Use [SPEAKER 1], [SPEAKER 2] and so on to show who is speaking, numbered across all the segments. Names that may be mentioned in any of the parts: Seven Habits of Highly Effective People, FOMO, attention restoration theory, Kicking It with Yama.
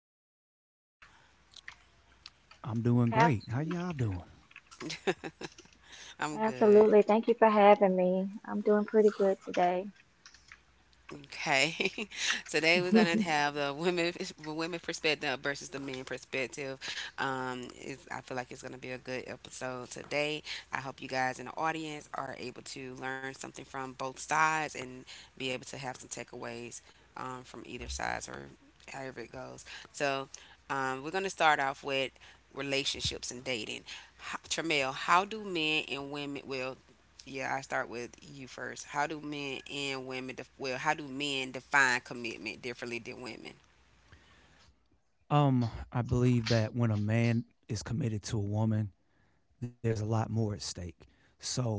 [SPEAKER 1] Hi, are y'all?
[SPEAKER 2] I'm doing great. How y'all doing?
[SPEAKER 1] I'm good. Okay. Today we're gonna have the women the women perspective versus the men perspective. I feel like it's gonna be a good episode today. I hope you guys in the audience are able to learn something from both sides and be able to have some takeaways from either sides or however it goes. So we're gonna start off with relationships and dating. How, Tramel, how do men and women? Well, yeah, I start with you first. How do men and women well, how do men define commitment differently than women?
[SPEAKER 2] I believe that when a man is committed to a woman, there's a lot more at stake. So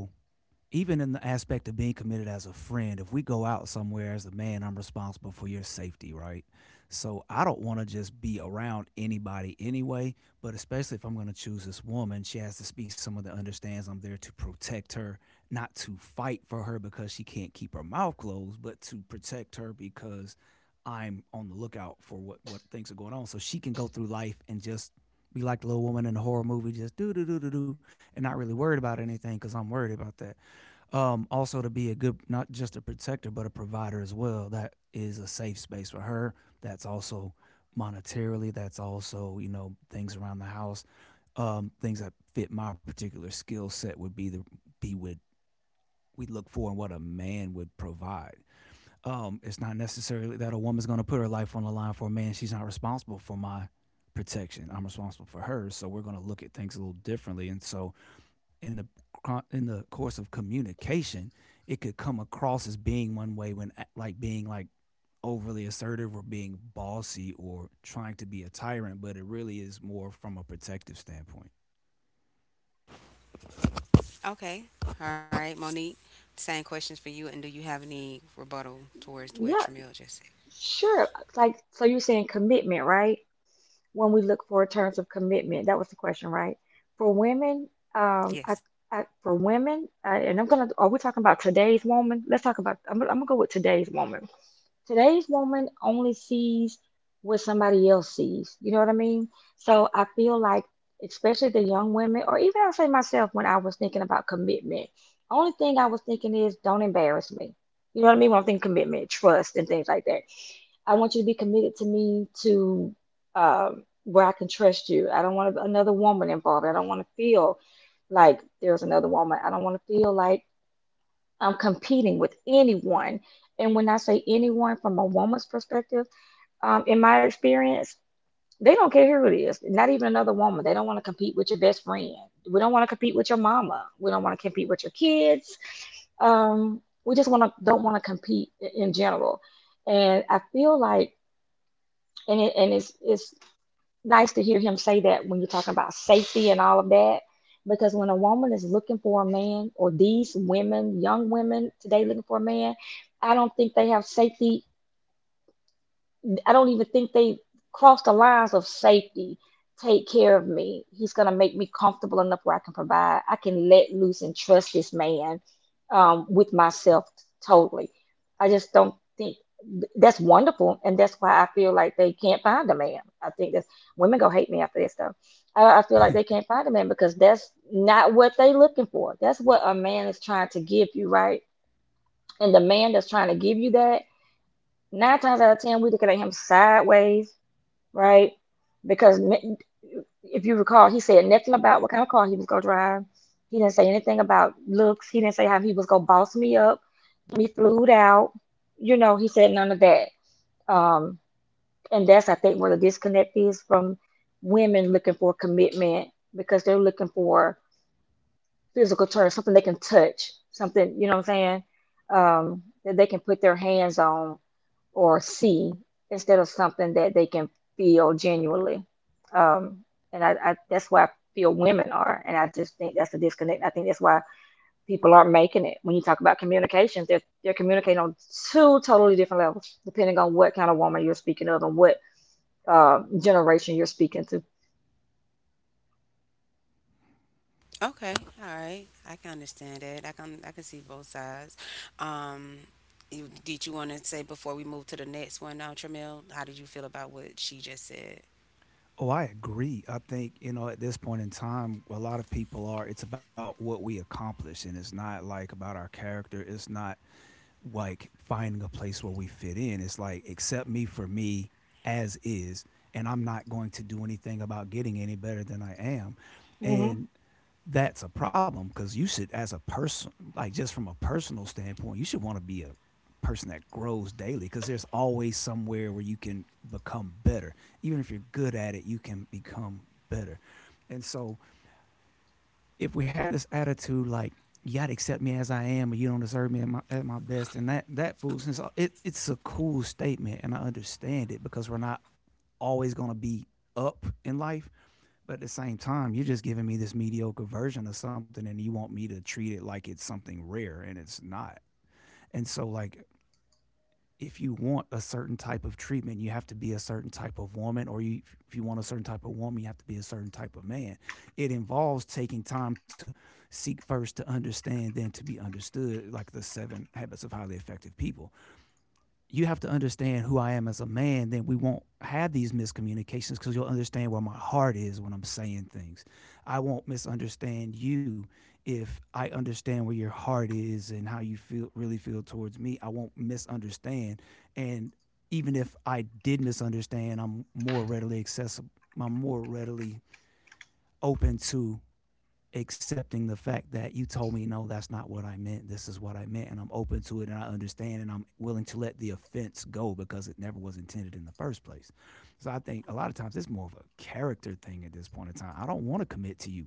[SPEAKER 2] even in the aspect of being committed as a friend, if we go out somewhere as a man, I'm responsible for your safety, right? So I don't want to just be around anybody anyway, but especially if I'm going to choose this woman, she has to be someone that understands I'm there to protect her, not to fight for her because she can't keep her mouth closed, but to protect her because I'm on the lookout for what things are going on. So she can go through life and just be like the little woman in the horror movie, just do do do do do, and not really worried about anything because I'm worried about that. Also to be a good, not just a protector, but a provider as well. That is a safe space for her. That's also monetarily. That's also, you know, things around the house, things that fit my particular skill set would be the be would we look for and what a man would provide. It's not necessarily that a woman's going to put her life on the line for a man. She's not responsible for my protection. I'm responsible for hers. So we're going to look at things a little differently. And so, in the in the course of communication, it could come across as being one way like being like overly assertive or being bossy or trying to be a tyrant, but it really is more from a protective standpoint.
[SPEAKER 1] Okay. All right, Monique. Same questions for you. And do you have any rebuttal towards what Tramil just said? Yes. Okay, all right. I can understand that. I can see both sides. Um, did you want to say before we move to the next one, Tramel? How did you feel about what she just said?
[SPEAKER 2] Oh, I agree. I think, you know, at this point in time, a lot of people are, it's about what we accomplish. And it's not like about our character. It's not like finding a place where we fit in. It's like, accept me for me as is. And I'm not going to do anything about getting any better than I am. And that's a problem because you should, as a person, like just from a personal standpoint, you should want to be a person that grows daily because there's always somewhere where you can become better. Even if you're good at it, you can become better. And so if we have this attitude like, you gotta accept me as I am, or you don't deserve me at my best, and that foolishness, it's a cool statement, and I understand it because we're not always gonna be up in life, but at the same time, you're just giving me this mediocre version of something and you want me to treat it like it's something rare and it's not. And so, like, if you want a certain type of treatment, you have to be a certain type of woman, or you, if you want a certain type of woman, you have to be a certain type of man. It involves taking time to seek first to understand, then to be understood, like the seven habits of highly effective people. You have to understand who I am as a man, then we won't have these miscommunications because you'll understand where my heart is when I'm saying things. I won't misunderstand you if I understand where your heart is and how you feel really feel towards me. I won't misunderstand. And even if I did misunderstand, I'm more readily accessible. I'm more readily open to accepting the fact that you told me, no, that's not what I meant, this is what I meant, and I'm open to it and I understand and I'm willing to let the offense go because it never was intended in the first place. So I think a lot of times it's more of a character thing. At this point in time, I don't want to commit to you.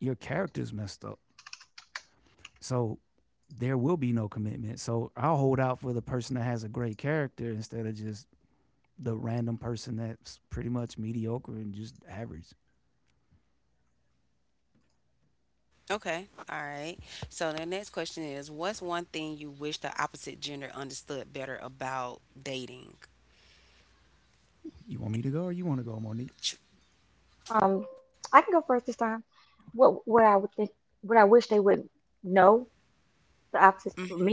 [SPEAKER 2] Your character's messed up, so there will be no commitment. So I'll hold out for the person that has a great character instead of just the random person that's pretty much mediocre and just average.
[SPEAKER 1] Okay, all right. So the next question is, what's one thing you wish the opposite gender understood better about dating?
[SPEAKER 2] You want me to go, or you want to go, Monique?
[SPEAKER 1] Tr- mm,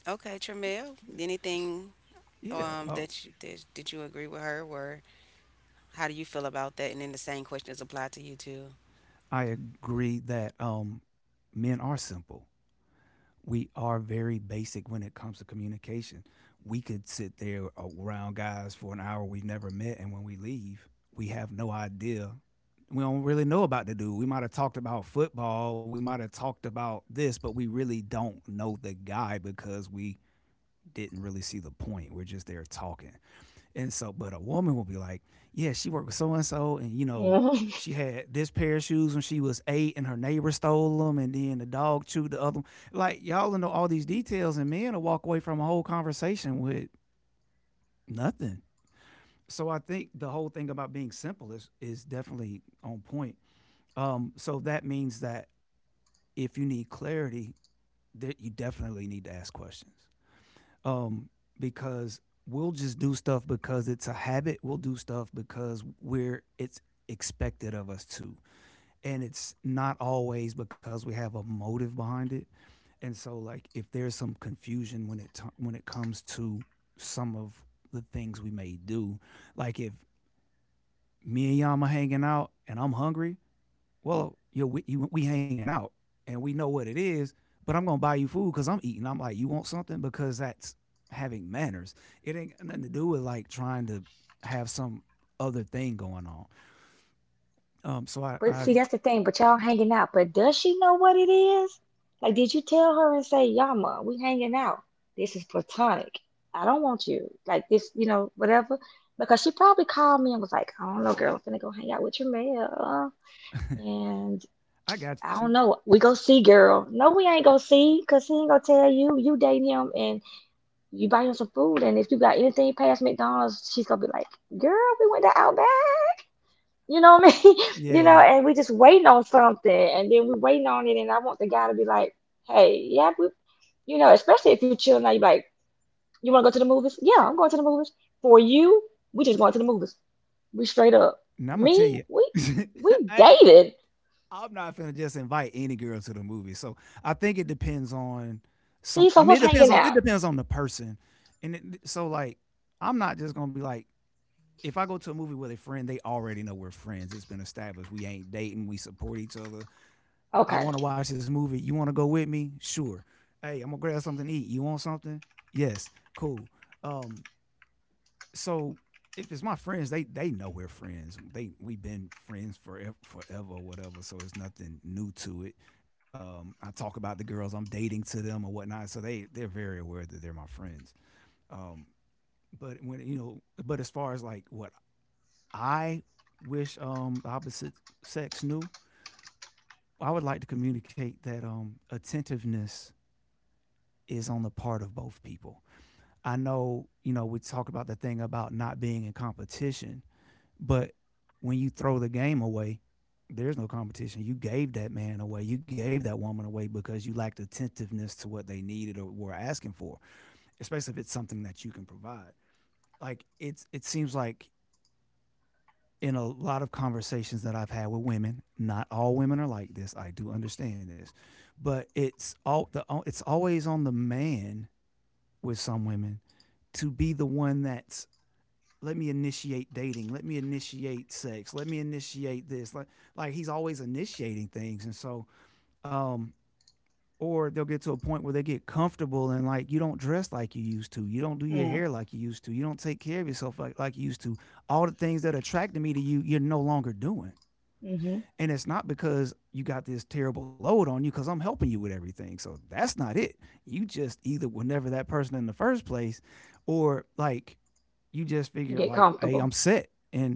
[SPEAKER 1] Okay, Tramel,
[SPEAKER 2] Yeah,
[SPEAKER 1] anything
[SPEAKER 2] Yeah. uh,
[SPEAKER 1] that you, that did you agree with her? Or how do you feel about that? And then the same questions apply to you too.
[SPEAKER 2] I agree that men are simple. We are very basic when it comes to communication. We could sit there around guys for an hour we've never met, and when we leave, we have no idea. We don't really know about the dude. We might have talked about football, we might have talked about this, but we really don't know the guy because we didn't really see the point. We're just there talking. And so, but a woman will be like, yeah, she worked with so and so, and, you know, she had this pair of shoes when she was eight, and her neighbor stole them, and then the dog chewed the other one. Like y'all know all these details, and men will walk away from a whole conversation with nothing. So I think the whole thing about being simple is definitely on point. So that means that if you need clarity, that you definitely need to ask questions. um, because we'll just do stuff because it's a habit. We'll do stuff because we're it's expected of us to, and it's not always because we have a motive behind it. And so, like, if there's some confusion when it comes to some of the things we may do, like if me and Yama hanging out and I'm hungry, well, you know, we hanging out and we know what it is, but I'm gonna buy you food because I'm eating. I'm like, you want something, because that's having manners. It ain't got nothing to do with like trying to have some other thing going on. So I I got you. Yeah, and I'm gonna tell you, I I'm not finna just invite any girl to the movie. So I think it depends on some. I mean, it depends on the person, so like I'm not just gonna be like if I go to a movie with a friend, they already know we're friends. It's been established. We ain't dating. We support each other. I want to watch this movie. You want to go with me? Sure. Hey, I'm gonna grab something to eat. You want something? Yes. Cool. Um, so if it's my friends, they know we're friends. They We've been friends forever, forever or whatever. So it's nothing new to it. I talk about the girls I'm dating to them or whatnot. So they're very aware that they're my friends. Um, but when you know, But as far as like what I wish, the opposite sex knew, I would like to communicate that attentiveness is on the part of both people. I know, you know, we talk about the thing about not being in competition. But when you throw the game away, there's no competition. You gave that man away. You gave that woman away because you lacked attentiveness to what they needed or were asking for, especially if it's something that you can provide. Like it seems like in a lot of conversations that I've had with women, not all women are like this. I do understand this, but it's always on the man with some women to be the one that's, let me initiate dating, let me initiate sex, let me initiate this, like he's always initiating things. And so um or they'll get to a point where they get comfortable and like, you don't dress like you used to, you don't do your hair like you used to, you don't take care of yourself like you used to. All the things that attracted me to you, you're no longer doing. And it's not because you got this terrible load on you, because I'm helping you with everything, so that's not it. You just either were never that person in the first place, or like, you just figured like, hey, I'm set. And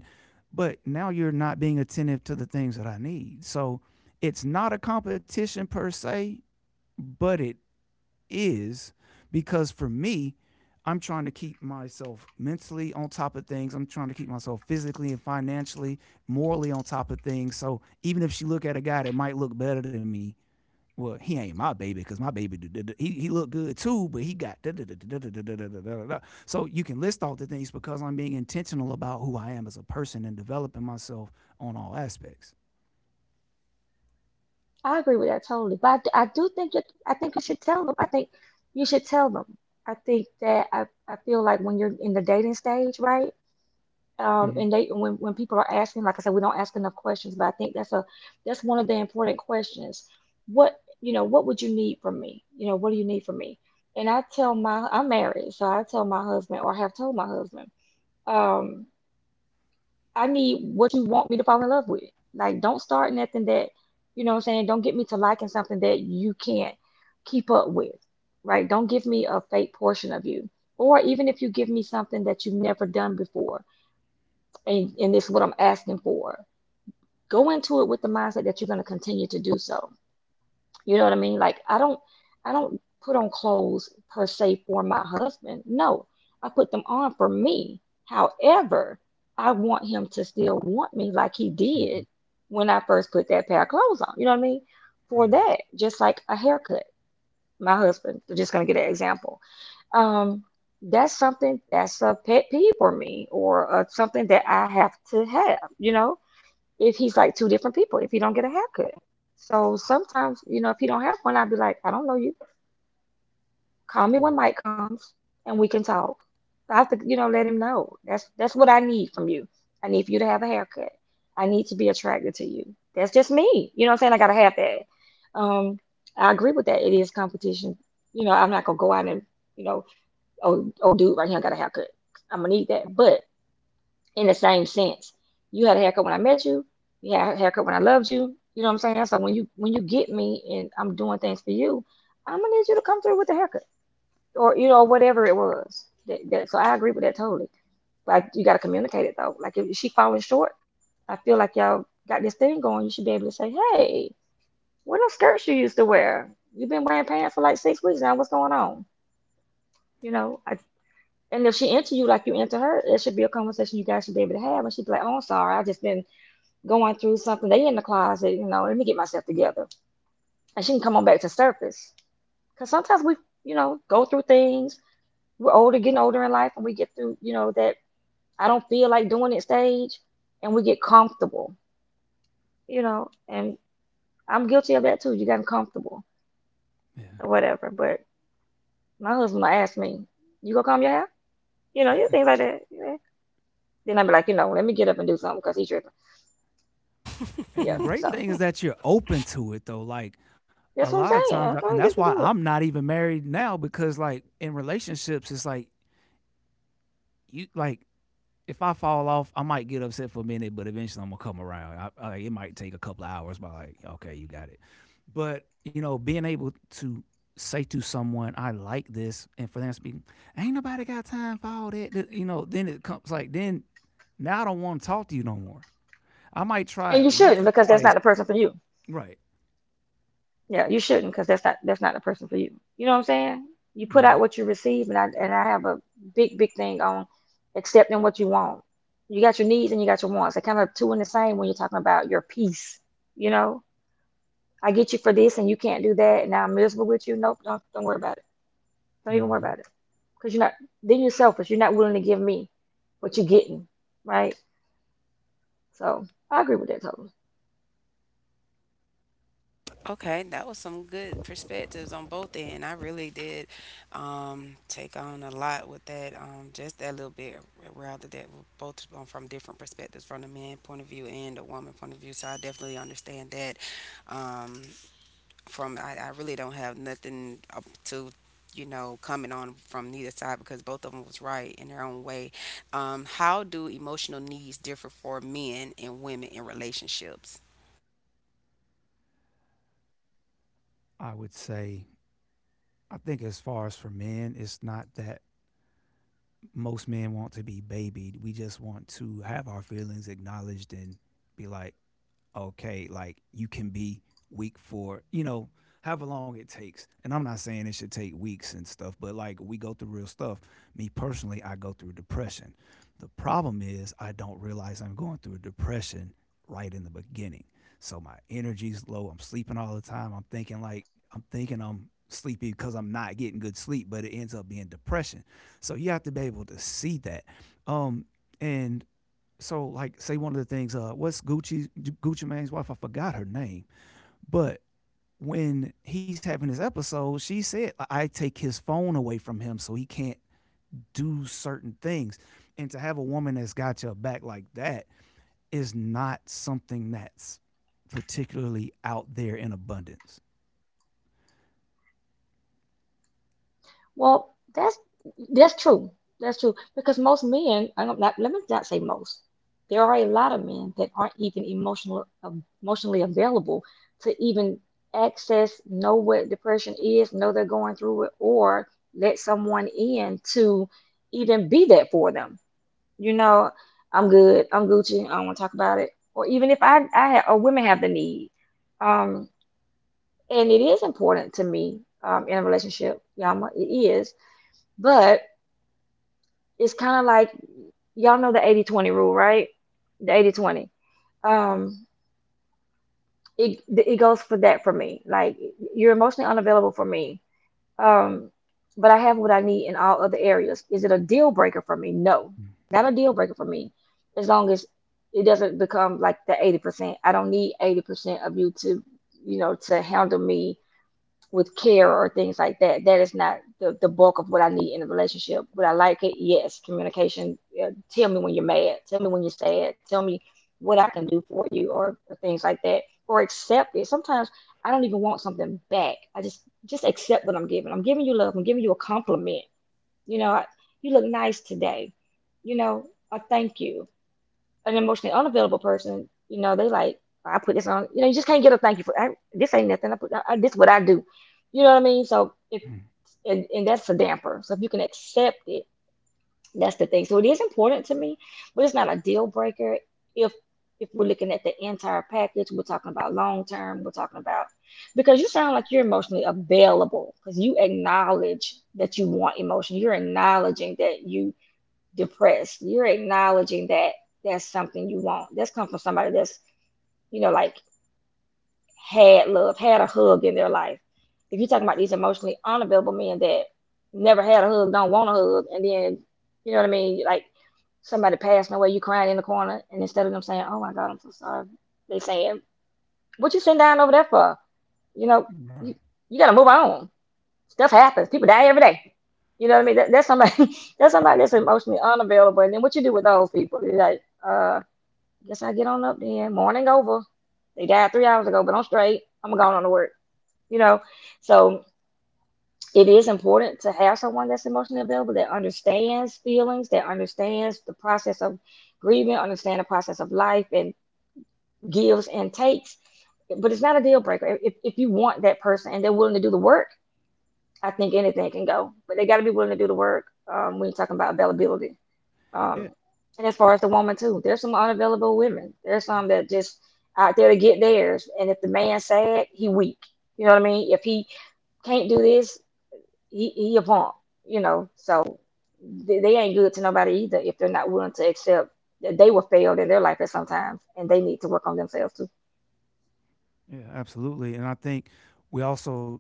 [SPEAKER 2] but now you're not being attentive to the things that I need. So it's not a competition per se, but it is. Because for me, I'm trying to keep myself mentally on top of things. I'm trying to keep myself physically and financially, morally on top of things. So even if she look at a guy that might look better than me, well, he ain't my baby. Because my baby, he look good too, but he got da da da da da da da da da da. So you can list all the things because I'm being intentional about who I am as a person and developing myself on all aspects. Hmm. Hmm. Right. Yeah. Yeah. And the great thing is that you're open to it though. Like a lot of times, and that's why I'm not even married now because like in relationships, it's like you like if I fall off, I might get upset for a minute, but eventually I'm gonna come around. I, it might take a couple of hours, but like, okay, you got it. But you know, being able to say to someone, "I like this," and for them speaking, "Ain't nobody got time for all that," you know, then it comes like, then now I don't want to talk to you no more. I might try it once or twice. Right, right. hmm
[SPEAKER 1] Okay, that was some good perspectives on both end. I really did take on a lot with that, just that little bit, rather that we're both from different perspectives, from the man point of view and the woman point of view. So I definitely understand that. Um, I really don't have nothing up to you know comment on from neither side because both of them was right in their own way. How do emotional needs differ for men and women in relationships?
[SPEAKER 2] I would say, I think as far as for men, it's not that most men want to be babied. We just want to have our feelings acknowledged and be like, okay, like you can be weak for, you know, however long it takes. And I'm not saying it should take weeks and stuff, but like we go through real stuff. Me personally, I go through depression. The problem is I don't realize I'm going through depression right in the beginning. So my energy's low. I'm sleeping all the time. I'm thinking I'm sleepy because I'm not getting good sleep, but it ends up being depression. So you have to be able to see that. Um and So like say one of the things what's Gucci Mane's wife, I forgot her name, but when he's having his episode, she said, I take his phone away from him so he can't do certain things, and to have a woman that's got your back like that is not something that's particularly out there in abundance. Mm-hmm. Right. Yeah. Yeah, absolutely. And I think we also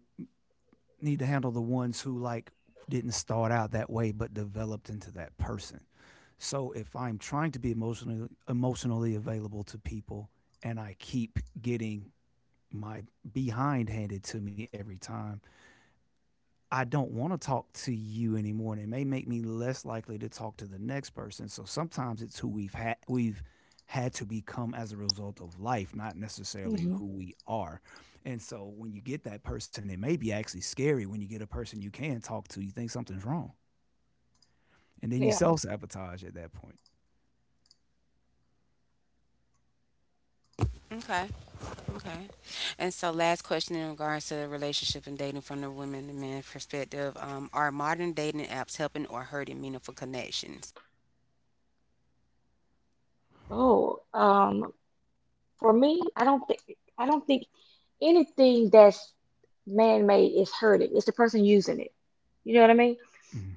[SPEAKER 2] need to handle the ones who like didn't start out that way but developed into that person. So if I'm trying to be emotionally available to people and I keep getting my behind handed to me every time, I don't want to talk to you anymore, and it may make me less likely to talk to the next person. So sometimes it's who we've had to become as a result of life, not necessarily who we are. And so when you get that person, it may be actually scary when you get a person you can talk to, you think something's wrong. And then you self sabotage at that point.
[SPEAKER 1] Okay. And so, last question in regards to the relationship and dating from the women and men perspective, are modern dating apps helping or hurting meaningful connections?
[SPEAKER 2] Mhm.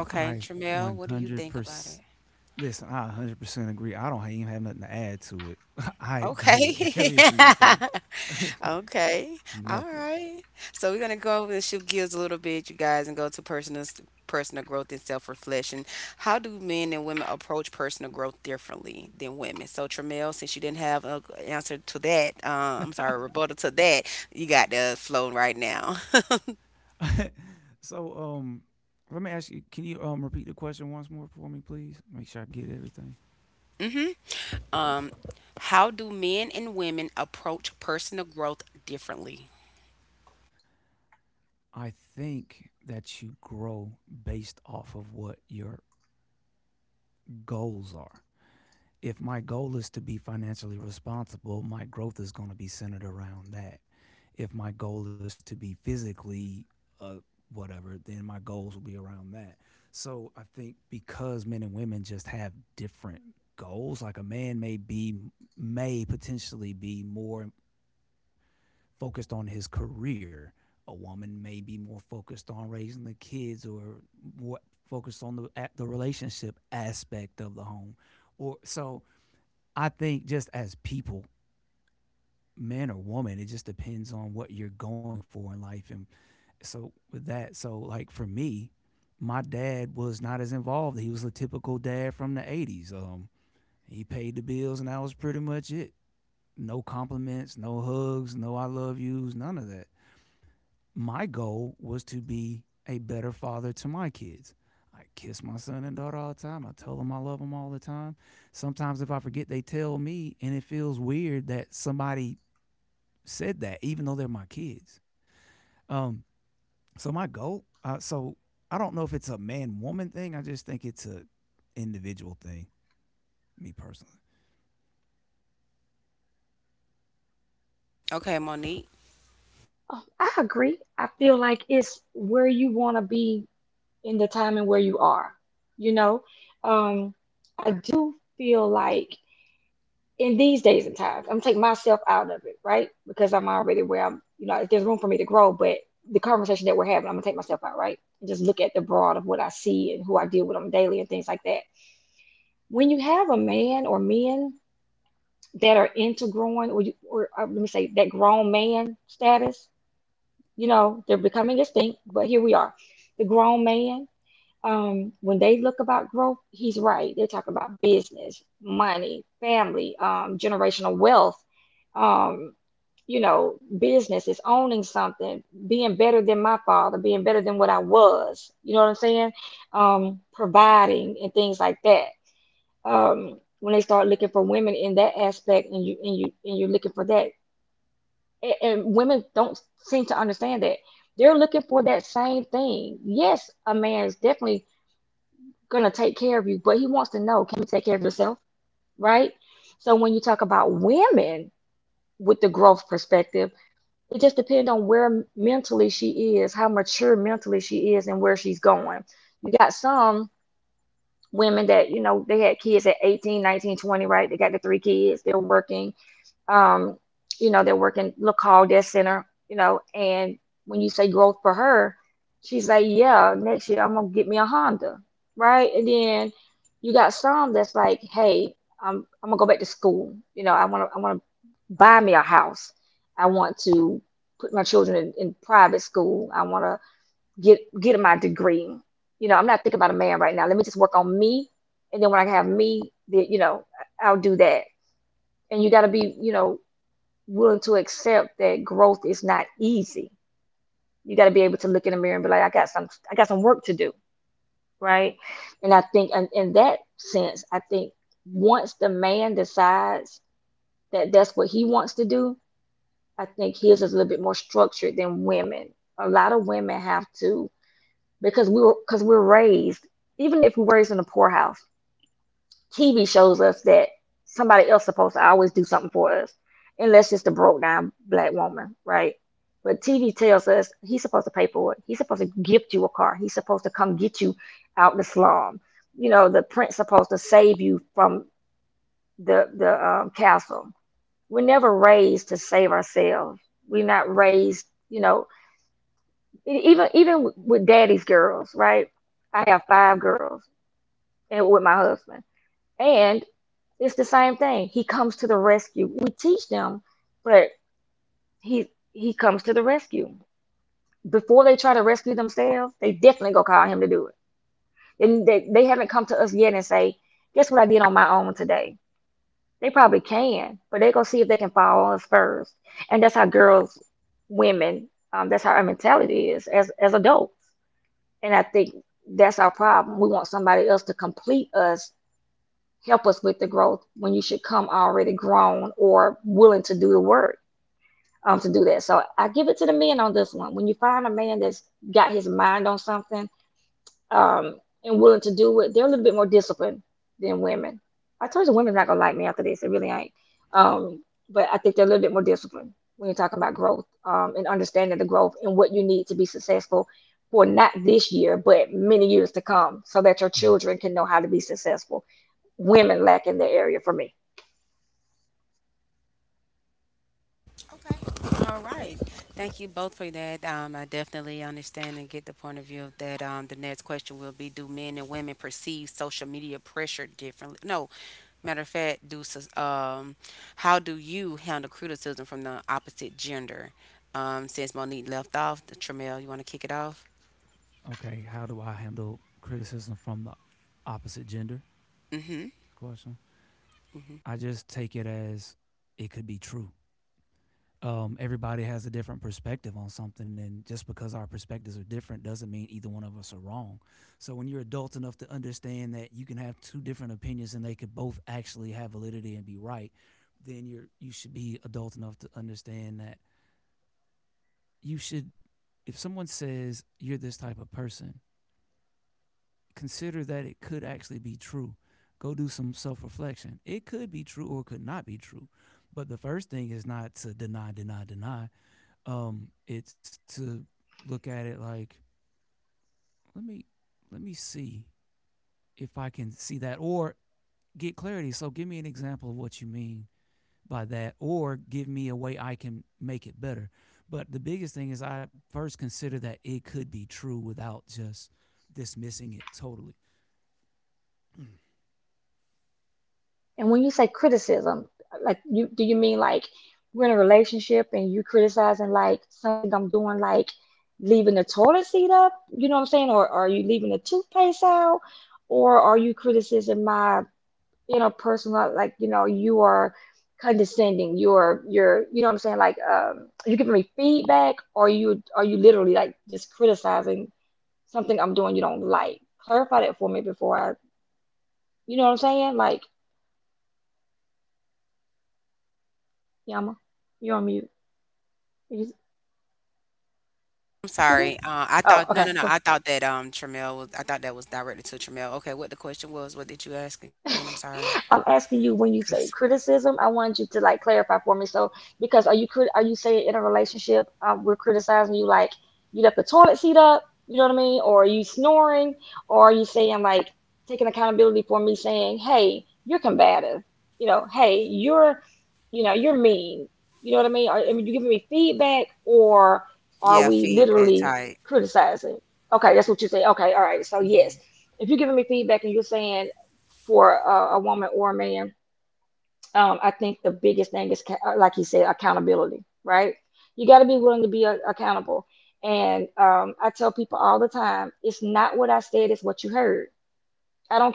[SPEAKER 2] I
[SPEAKER 1] Tramel, what do you think about
[SPEAKER 2] 100%
[SPEAKER 1] it?
[SPEAKER 2] listen, I 100% agree. I don't even have nothing to add to it. I agree with
[SPEAKER 1] Okay.
[SPEAKER 2] every single thing.
[SPEAKER 1] Okay. All
[SPEAKER 2] Nothing.
[SPEAKER 1] right. So we're gonna go over and shift gears a little bit, you guys, and go to personal growth and self-reflection. How do men and women approach personal growth differently than women? So Tramel, since you didn't have an answer to that, I'm sorry, rebuttal to that, you got the flow right now.
[SPEAKER 2] So, let me ask you, can you, repeat the question once more for me, please? Make sure I get everything.
[SPEAKER 1] hmm Um, how do men and women approach personal growth differently?
[SPEAKER 2] I think that you grow based off of what your goals are. If my goal is to be financially responsible, my growth is gonna be centered around that. If my goal is to be physically uh, whatever, then my goals will be around that. So I think because men and women just have different goals, like a man may be may potentially be more focused on his career. A woman may be more focused on raising the kids or more focused on the relationship aspect of the home. Or so I think just as people, man or woman, it just depends on what you're going for in life. And so with that, so like for me, my dad was not as involved. He was a typical dad from the '80s. He paid the bills, and that was pretty much it. No compliments, no hugs, no "I love yous," none of that. My goal was to be a better father to my kids. I kiss my son and daughter all the time. I tell them I love them all the time. Sometimes if I forget, they tell me, and it feels weird that somebody said that, even though they're my kids. Um, So my goal, so I don't know if it's a man woman thing. I just think it's a individual thing. Me personally.
[SPEAKER 1] Okay, Monique.
[SPEAKER 2] Mm.
[SPEAKER 1] Okay. All right. Thank you both for that. I definitely understand and get the point of view of that. The next question will be, do men and women perceive social media pressure differently? No. Matter of fact, how do you handle criticism from the opposite gender? Since Monique left off, Tramel, you want to kick it off?
[SPEAKER 2] Okay, how do I handle criticism from the opposite gender?
[SPEAKER 1] Mm-hmm.
[SPEAKER 2] Question.
[SPEAKER 1] Mm-hmm.
[SPEAKER 2] I just take it as it could be true. Um, everybody has a different perspective on something, and just because our perspectives are different doesn't mean either one of us are wrong. So when you're adult enough to understand that you can have two different opinions and they could both actually have validity and be right, then you should be adult enough to understand that you should. If someone says you're this type of person, consider that it could actually be true. Go do some self reflection. It could be true or could not be true. But the first thing is not to deny, deny, deny. It's to look at it like, let me let me see if I can see that or get clarity. So give me an example of what you mean by that, or give me a way I can make it better. But the biggest thing is I first consider that it could be true without just dismissing it totally.
[SPEAKER 1] I'm sorry. I thought no, no, no. I thought that Tramel was. I thought that was directed to Tramel. Okay, what the question was? What did you ask again? I'm sorry. Yeah, feedback type.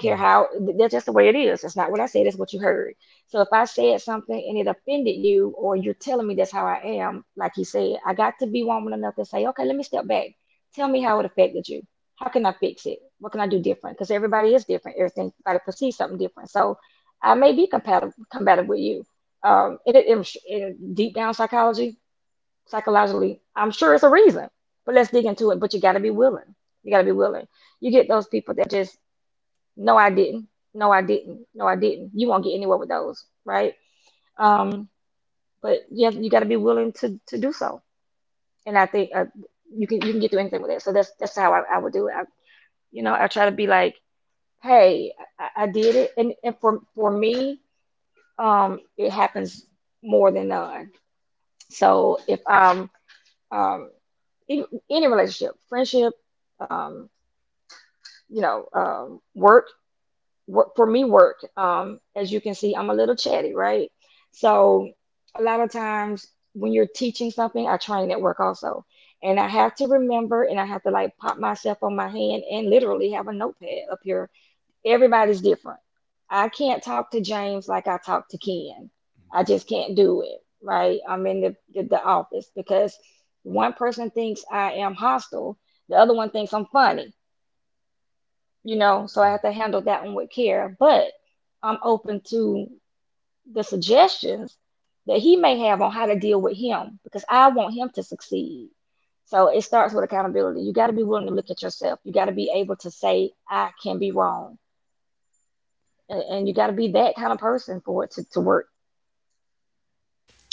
[SPEAKER 2] Mm, yeah.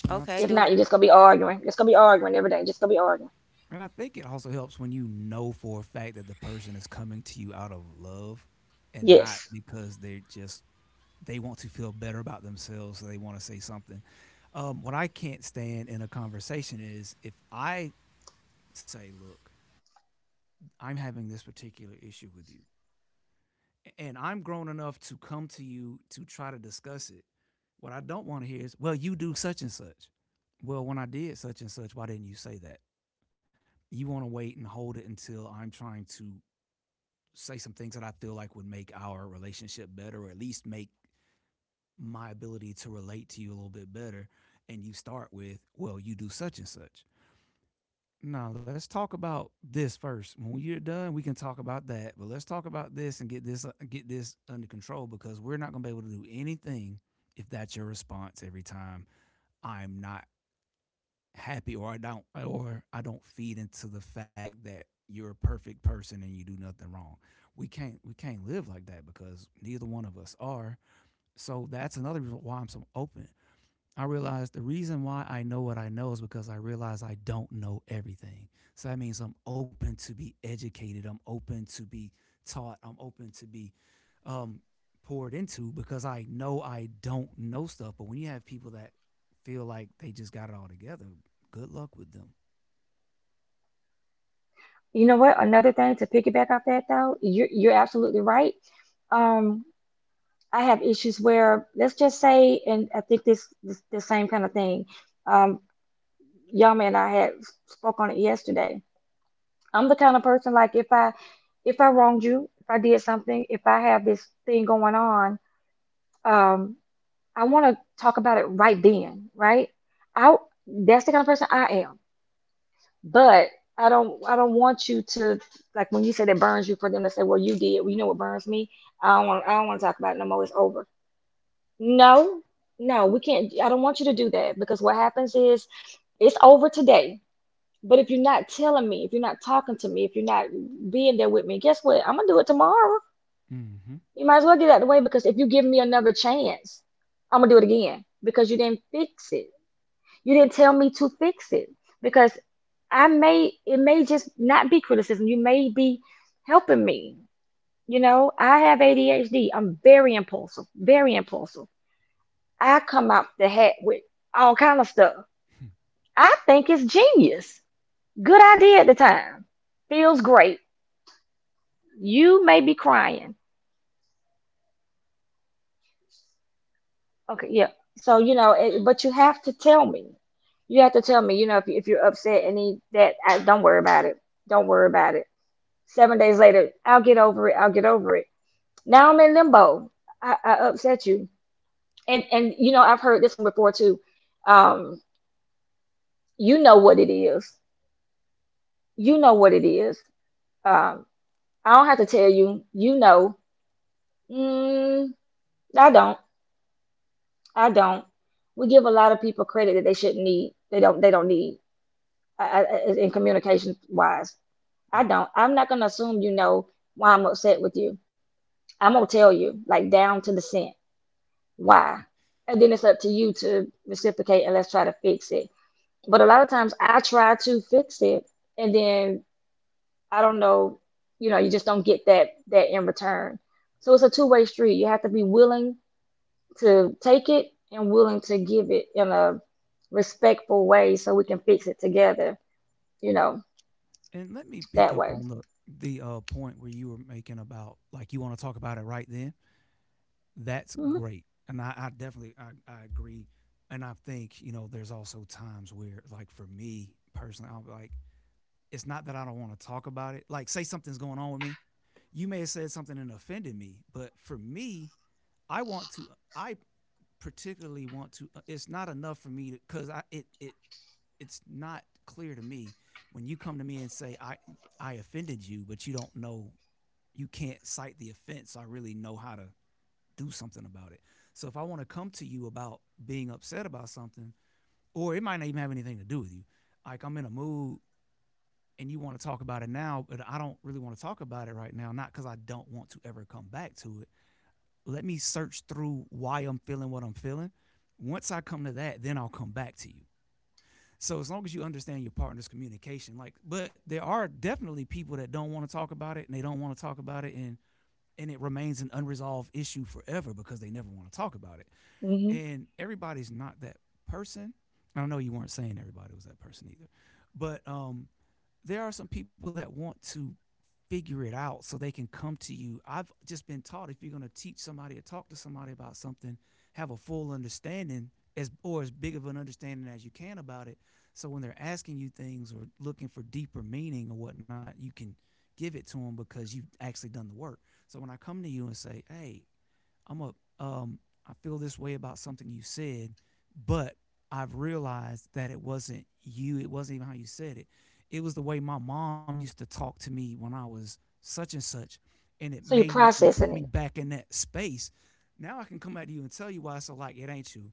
[SPEAKER 2] And I
[SPEAKER 1] Okay, do
[SPEAKER 2] and I think it also helps when you know for a fact that the person is coming to you out of love and not because they want to feel better about themselves, so they want to say something. What I can't stand in a conversation is if I say, "Look, I'm having this particular issue with you," and I'm grown enough to come to you to try to discuss it. What I don't want to hear is, "Well, you do such and such." Well, when I did such and such, why didn't you say that? You want to wait and hold it until I'm trying to say some things that I feel like would make our relationship better, or at least make my ability to relate to you a little bit better. And you start with, well, you do such and such. Now let's talk about this first. When you're done, we can talk about that. But let's talk about this and get this under control because we're not going to be able to do anything if that's your response every time. I'm not happy, or I don't feed into the fact that you're a perfect person and you do nothing wrong. We can't live like that because neither one of us are. So that's another reason why I'm so open. I realized the reason why I know what I know is because I realize I don't know everything. So that means I'm open to be educated. I'm open to be taught. I'm open to be um, poured into because I know I don't know stuff. But when you have people that feel like they just got it all together, good luck with them. Mm-hmm. Yeah. And let me pick up on the point where you were making about like you want to talk about it right then. That's great. And I definitely I agree. And I think, you know, there's also times where like for me personally, I'll be like, it's not that I don't want to talk about it. Like say something's going on with me. You may have said something and offended me, but for me, I want to I particularly want to it's not enough for me to cuz I it it it's not clear to me when you come to me and say I offended you, but you don't know, you can't cite the offense. So I really know how to do something about it. So if I want to come to you about being upset about something, or it might not even have anything to do with you, like I'm in a mood and you want to talk about it now, but I don't really want to talk about it right now, not because I don't want to ever come back to it. Let me search through why I'm feeling what I'm feeling. Once I come to that, then I'll come back to you. So as long as you understand your partner's communication, like, but there are definitely people that don't want to talk about it, and they don't want to talk about it, and it remains an unresolved issue forever because they never want to talk about it, and everybody's not that person. I don't know, you weren't saying everybody was that person either, but there are some people that want to figure it out so they can come to you. I've just been taught if you're going to teach somebody or talk to somebody about something, have a full understanding as big of an understanding as you can about it. So when they're asking you things or looking for deeper meaning or whatnot, you can give it to them because you've actually done the work. So when I come to you and say, "Hey, I'm a um I feel this way about something you said, but I've realized that it wasn't you, it wasn't even how you said it. It was the way my mom used to talk to me when I was such and such and it put me back in that space. Now I can come back to you and tell you why. So like, it ain't you.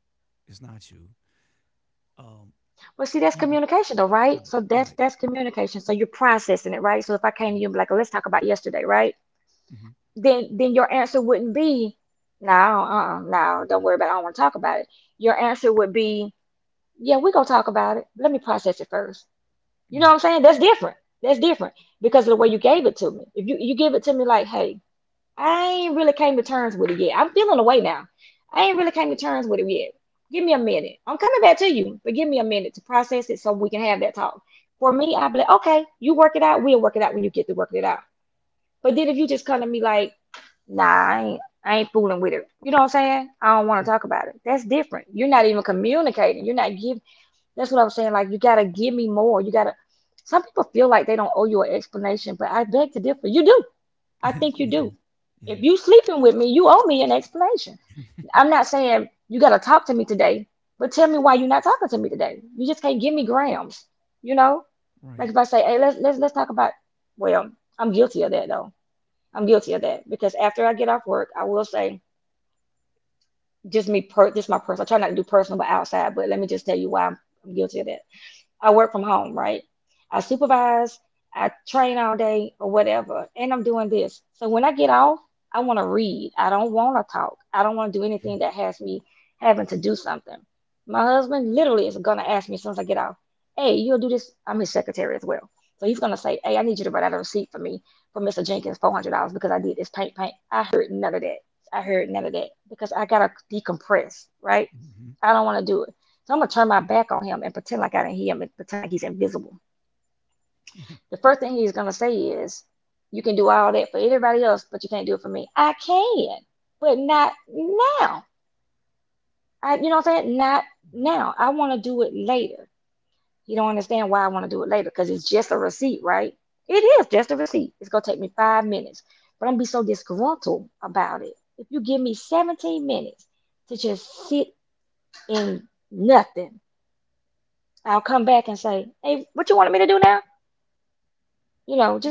[SPEAKER 2] It's not you. Um, you just right, right, mm-hmm, mm-hmm, right, right. You do, yeah, right, mm-hmm. Right, yeah.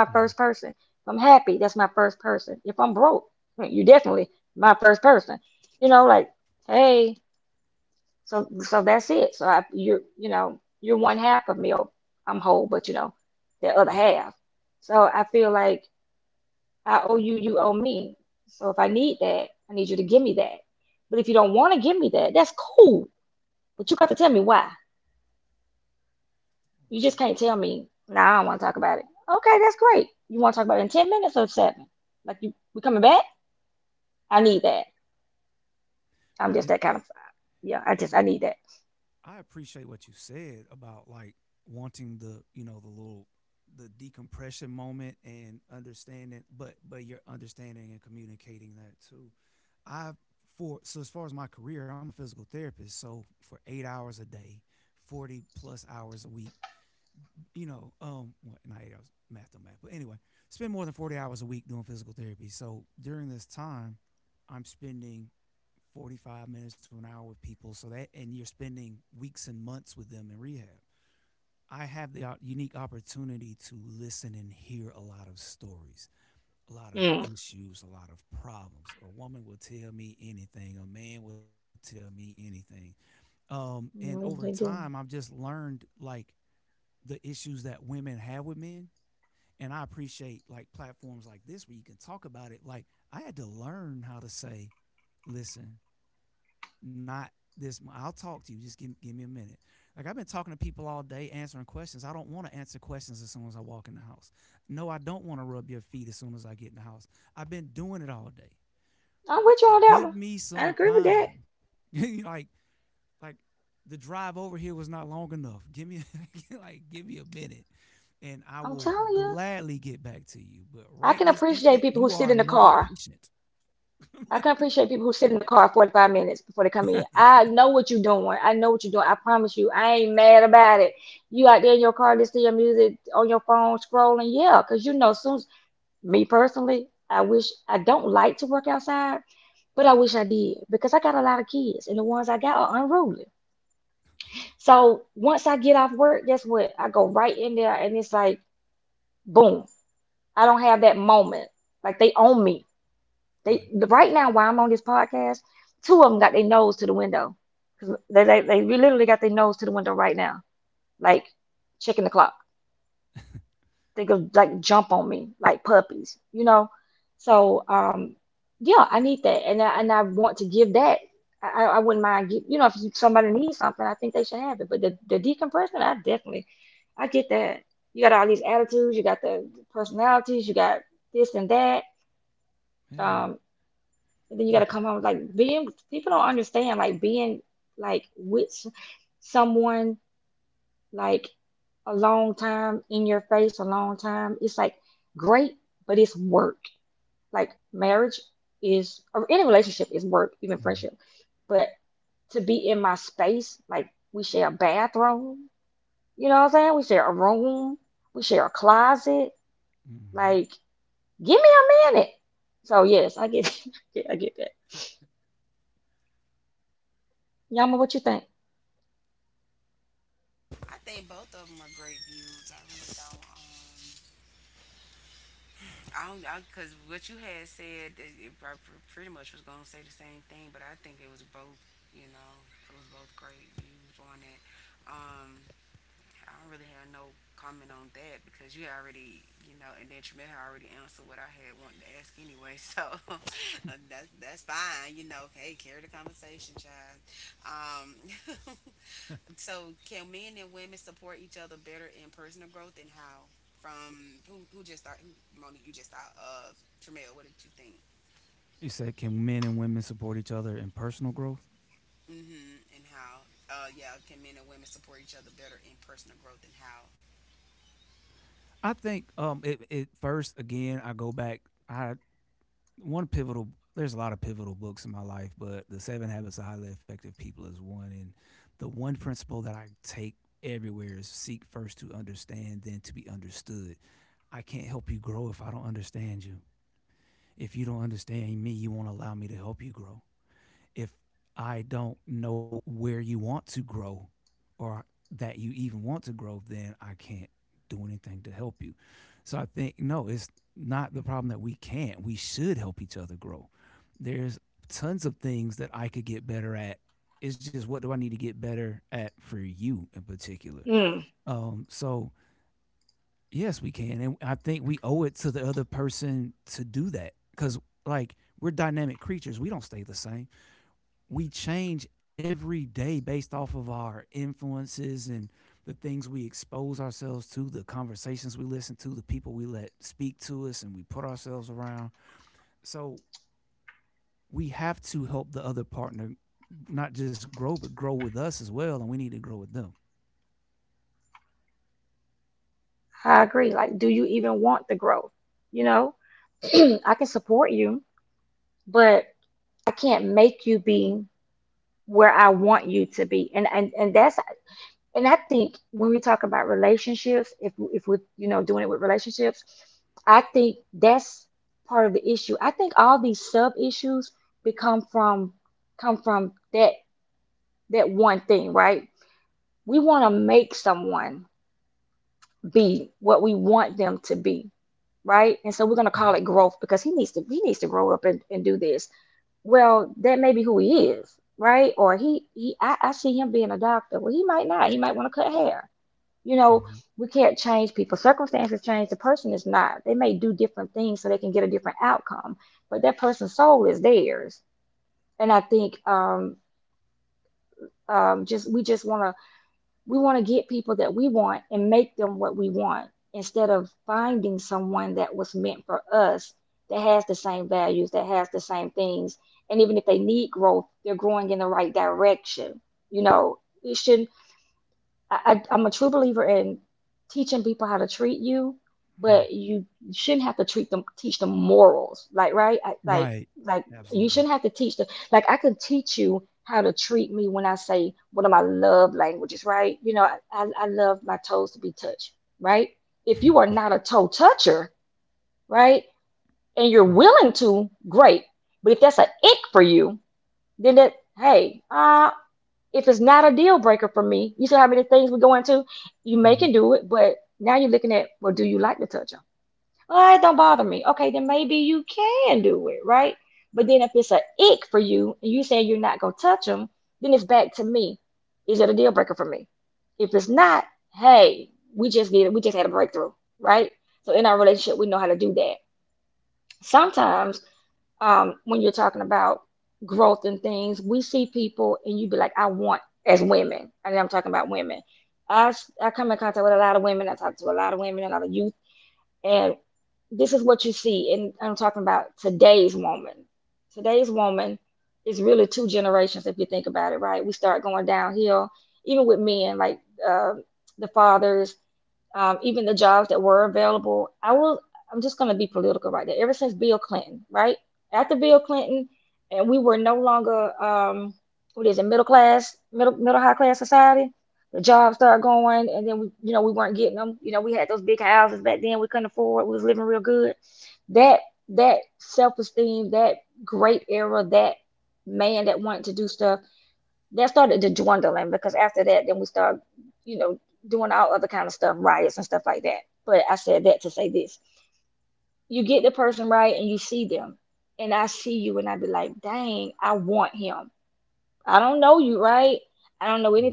[SPEAKER 2] Mm-hmm. Yeah, right. And right. And I appreciate what you said about like wanting the, the little the decompression moment and understanding but you're understanding and communicating that too. I for so as far as my career, I'm a physical therapist, so for 8 hours a day, 40 plus hours a week, well, not 8 hours, math don't math. But anyway, spend more than 40 hours a week doing physical therapy. So during this time, I'm spending 45 minutes to an hour with people. So that, and you're spending weeks and months with them in rehab. I have the unique opportunity to listen and hear a lot of stories, a lot of issues, a lot of problems. A woman will tell me anything, a man will tell me anything. And over time, I've just learned like the issues that women have with men. And I appreciate like platforms like this where you can talk about it. Like, I had to learn how to say, listen, not this I'll talk to you. Just give me a minute. Like I've been talking to people all day answering questions. I don't want to answer questions as soon as I walk in the house. No, I don't want to rub your feet as soon as I get in the house. I've been doing it all day. Give me some time. like like the drive over here was not long enough. Give me like give me a minute and I will gladly get back to you. But right this instant, you are another patient. Right. Yeah, different. Mm-hmm. Mm-hmm.
[SPEAKER 1] I think both of them are great views. I really don't. I don't I because what you had said, I pretty much was gonna say the same thing, but I think it was both. You know, it was both great views on it. Um, I don't really have no comment on that because you already, you know, and then Tremaine had already answered what I had wanted to ask anyway. So that's fine, you know. Hey, carry the conversation, child. Um, so can men and women support each other better in personal growth and how? From who, who just thought, who, Mona, you just thought of Tremaine, what did you think?
[SPEAKER 2] You said, can men and women support each other in personal growth?
[SPEAKER 1] Mm-hmm. And how? Yeah, can men and women support each other better in personal growth and how?
[SPEAKER 2] I think it first again. I go back. I one pivotal. There's a lot of pivotal books in my life, but the Seven Habits of Highly Effective People is one. And the one principle that I take everywhere is seek first to understand, then to be understood. I can't help you grow if I don't understand you. If you don't understand me, you won't allow me to help you grow. If I don't know where you want to grow or that you even want to grow, then I can't do anything to help you. So I think, no, it's not the problem that we can't. We should help each other grow. There's tons of things that I could get better at. It's just what do I need to get better at for you in particular? So yes, we can, and I think we owe it to the other person to do that because, like, we're dynamic creatures. We don't stay the same we change every day based off of our influences and the things we expose ourselves to, the conversations we listen to, the people we let speak to us and we put ourselves around. So we have to help the other partner not just grow, but grow with us as well. And we need to grow with them. Mhm. Mhm. Right. Absolutely. Right. Mhm. Mhm.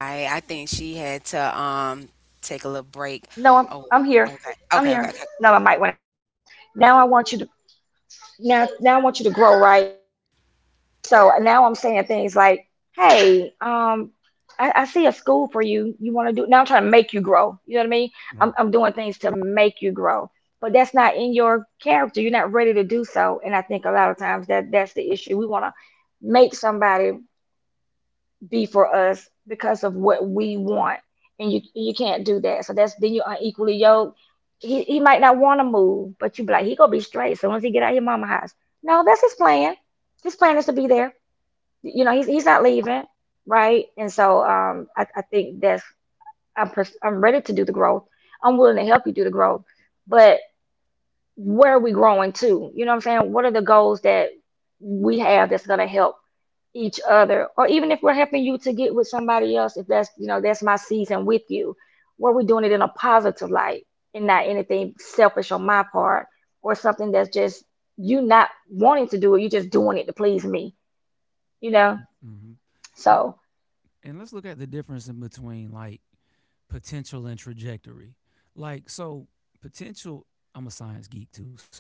[SPEAKER 1] I think she had to take a little break. Oh, okay. Okay, okay, okay.
[SPEAKER 2] Right. Hmm. And and let's look at the difference in between like potential and trajectory. Like so potential I'm a science geek too, so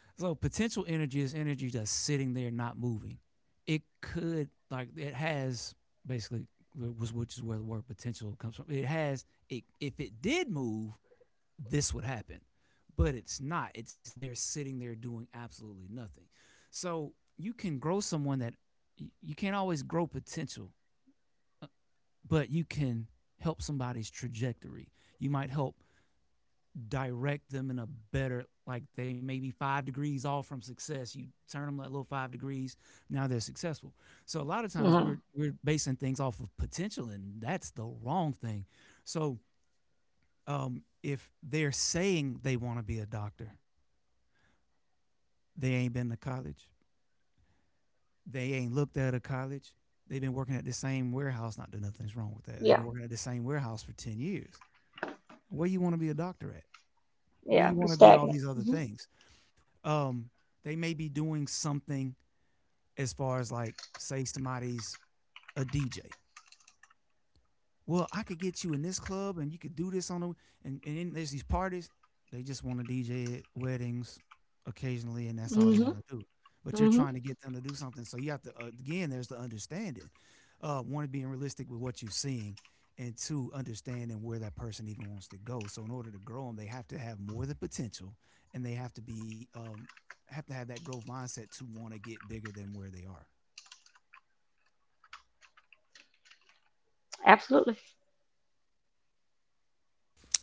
[SPEAKER 2] so potential energy is energy that's sitting there not moving. It could like it has basically which is where the word potential comes from. It has it if it did move, this would happen. But it's not. It's there sitting there doing absolutely nothing. So you can grow someone that you can't always grow potential but you can help somebody's trajectory. You might help direct them in a better like they may be 5 degrees off from success. You turn them that little 5 degrees, now they're successful. So a lot of times we're basing things off of potential and that's the wrong thing. So if they're saying they want to be a doctor, they ain't been to college. They ain't looked at a college. They've been working at the same warehouse. Not that nothing's wrong with that. They've been working at the same warehouse for 10 years. Where you want to be a doctor at? Where you want to be all these other things um they may be doing something as far as like say somebody's a DJ, well, I could get you in this club and you could do this on the and then there's these parties. They just want to DJ at weddings occasionally and that's all they want to do. But you're trying to get them to do something. So you have to again, there's the understanding. Uh, one being realistic with what you're seeing and two understanding where that person even wants to go. So in order to grow them, they have to have more than potential and they have to be have to have that growth mindset to want to get bigger than where they are.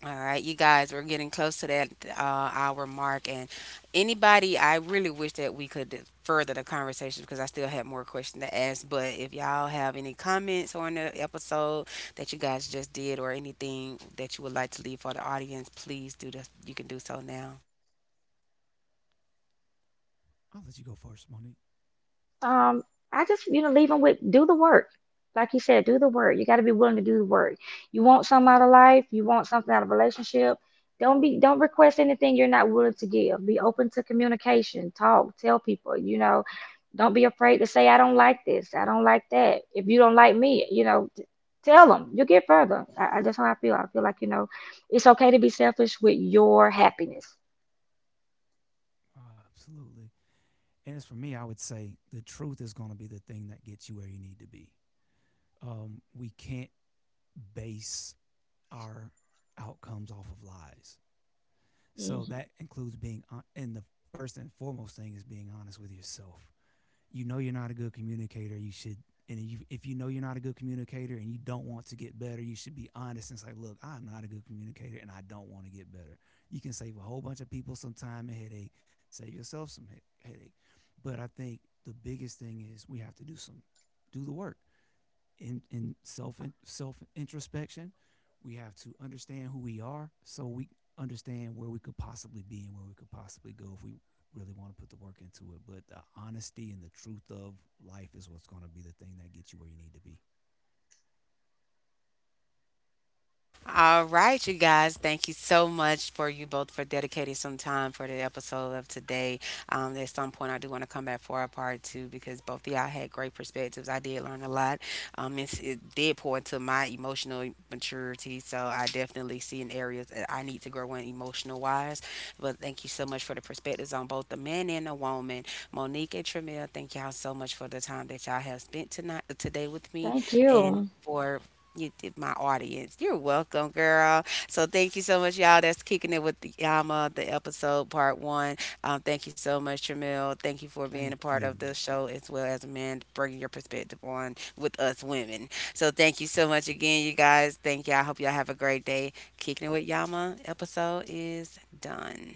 [SPEAKER 1] All right, you guys, we're getting close to that hour mark, and anybody, I really wish that we could further the conversation because I still have more questions to ask. But if y'all have any comments on the episode that you guys just did, or anything that you would like to leave for the audience, please do the. You can do so now.
[SPEAKER 2] I'll let you go first, Monique. Oh, absolutely. And as for me, I would say the truth is going to be the thing that gets you where you need to be. We can't base our outcomes off of lies. So that includes being, and the first and foremost thing is being honest with yourself. You know you're not a good communicator, you should and you, if you know you're not a good communicator and you don't want to get better, you should be honest and say, "Look, I'm not a good communicator, and I don't want to get better." You can save a whole bunch of people some time and headache, save yourself some headache. But I think the biggest thing is we have to do some, do the work in self introspection. We have to understand who we are, so we understand where we could possibly be and where we could possibly go if we really want to put the work into it. But the honesty and the truth of life is what's going to be the thing that gets you where you need to be.
[SPEAKER 1] All right, you guys. Thank you so much for you both for dedicating some time for the episode of today. At some point, I do want to come back for a part two because both of y'all had great perspectives. I did learn a lot. It did pour into my emotional maturity, so I definitely see in areas that I need to grow in emotional wise. But thank you so much for the perspectives on both the man and the woman, Monique and Tramiel. Thank y'all so much for the time that y'all have spent tonight today with me and. For, you did my audience. You're welcome, girl. So thank you so much, y'all. That's kicking it with the Yama, the episode part one. Thank you so much, Tramil. Thank you for being
[SPEAKER 2] Thank
[SPEAKER 1] a part of the
[SPEAKER 2] you.
[SPEAKER 1] show as well as a man, bringing your perspective on with us women. So thank you so much again, you guys. Thank y'all. I hope y'all have a great day. Kicking it with Yama episode is done.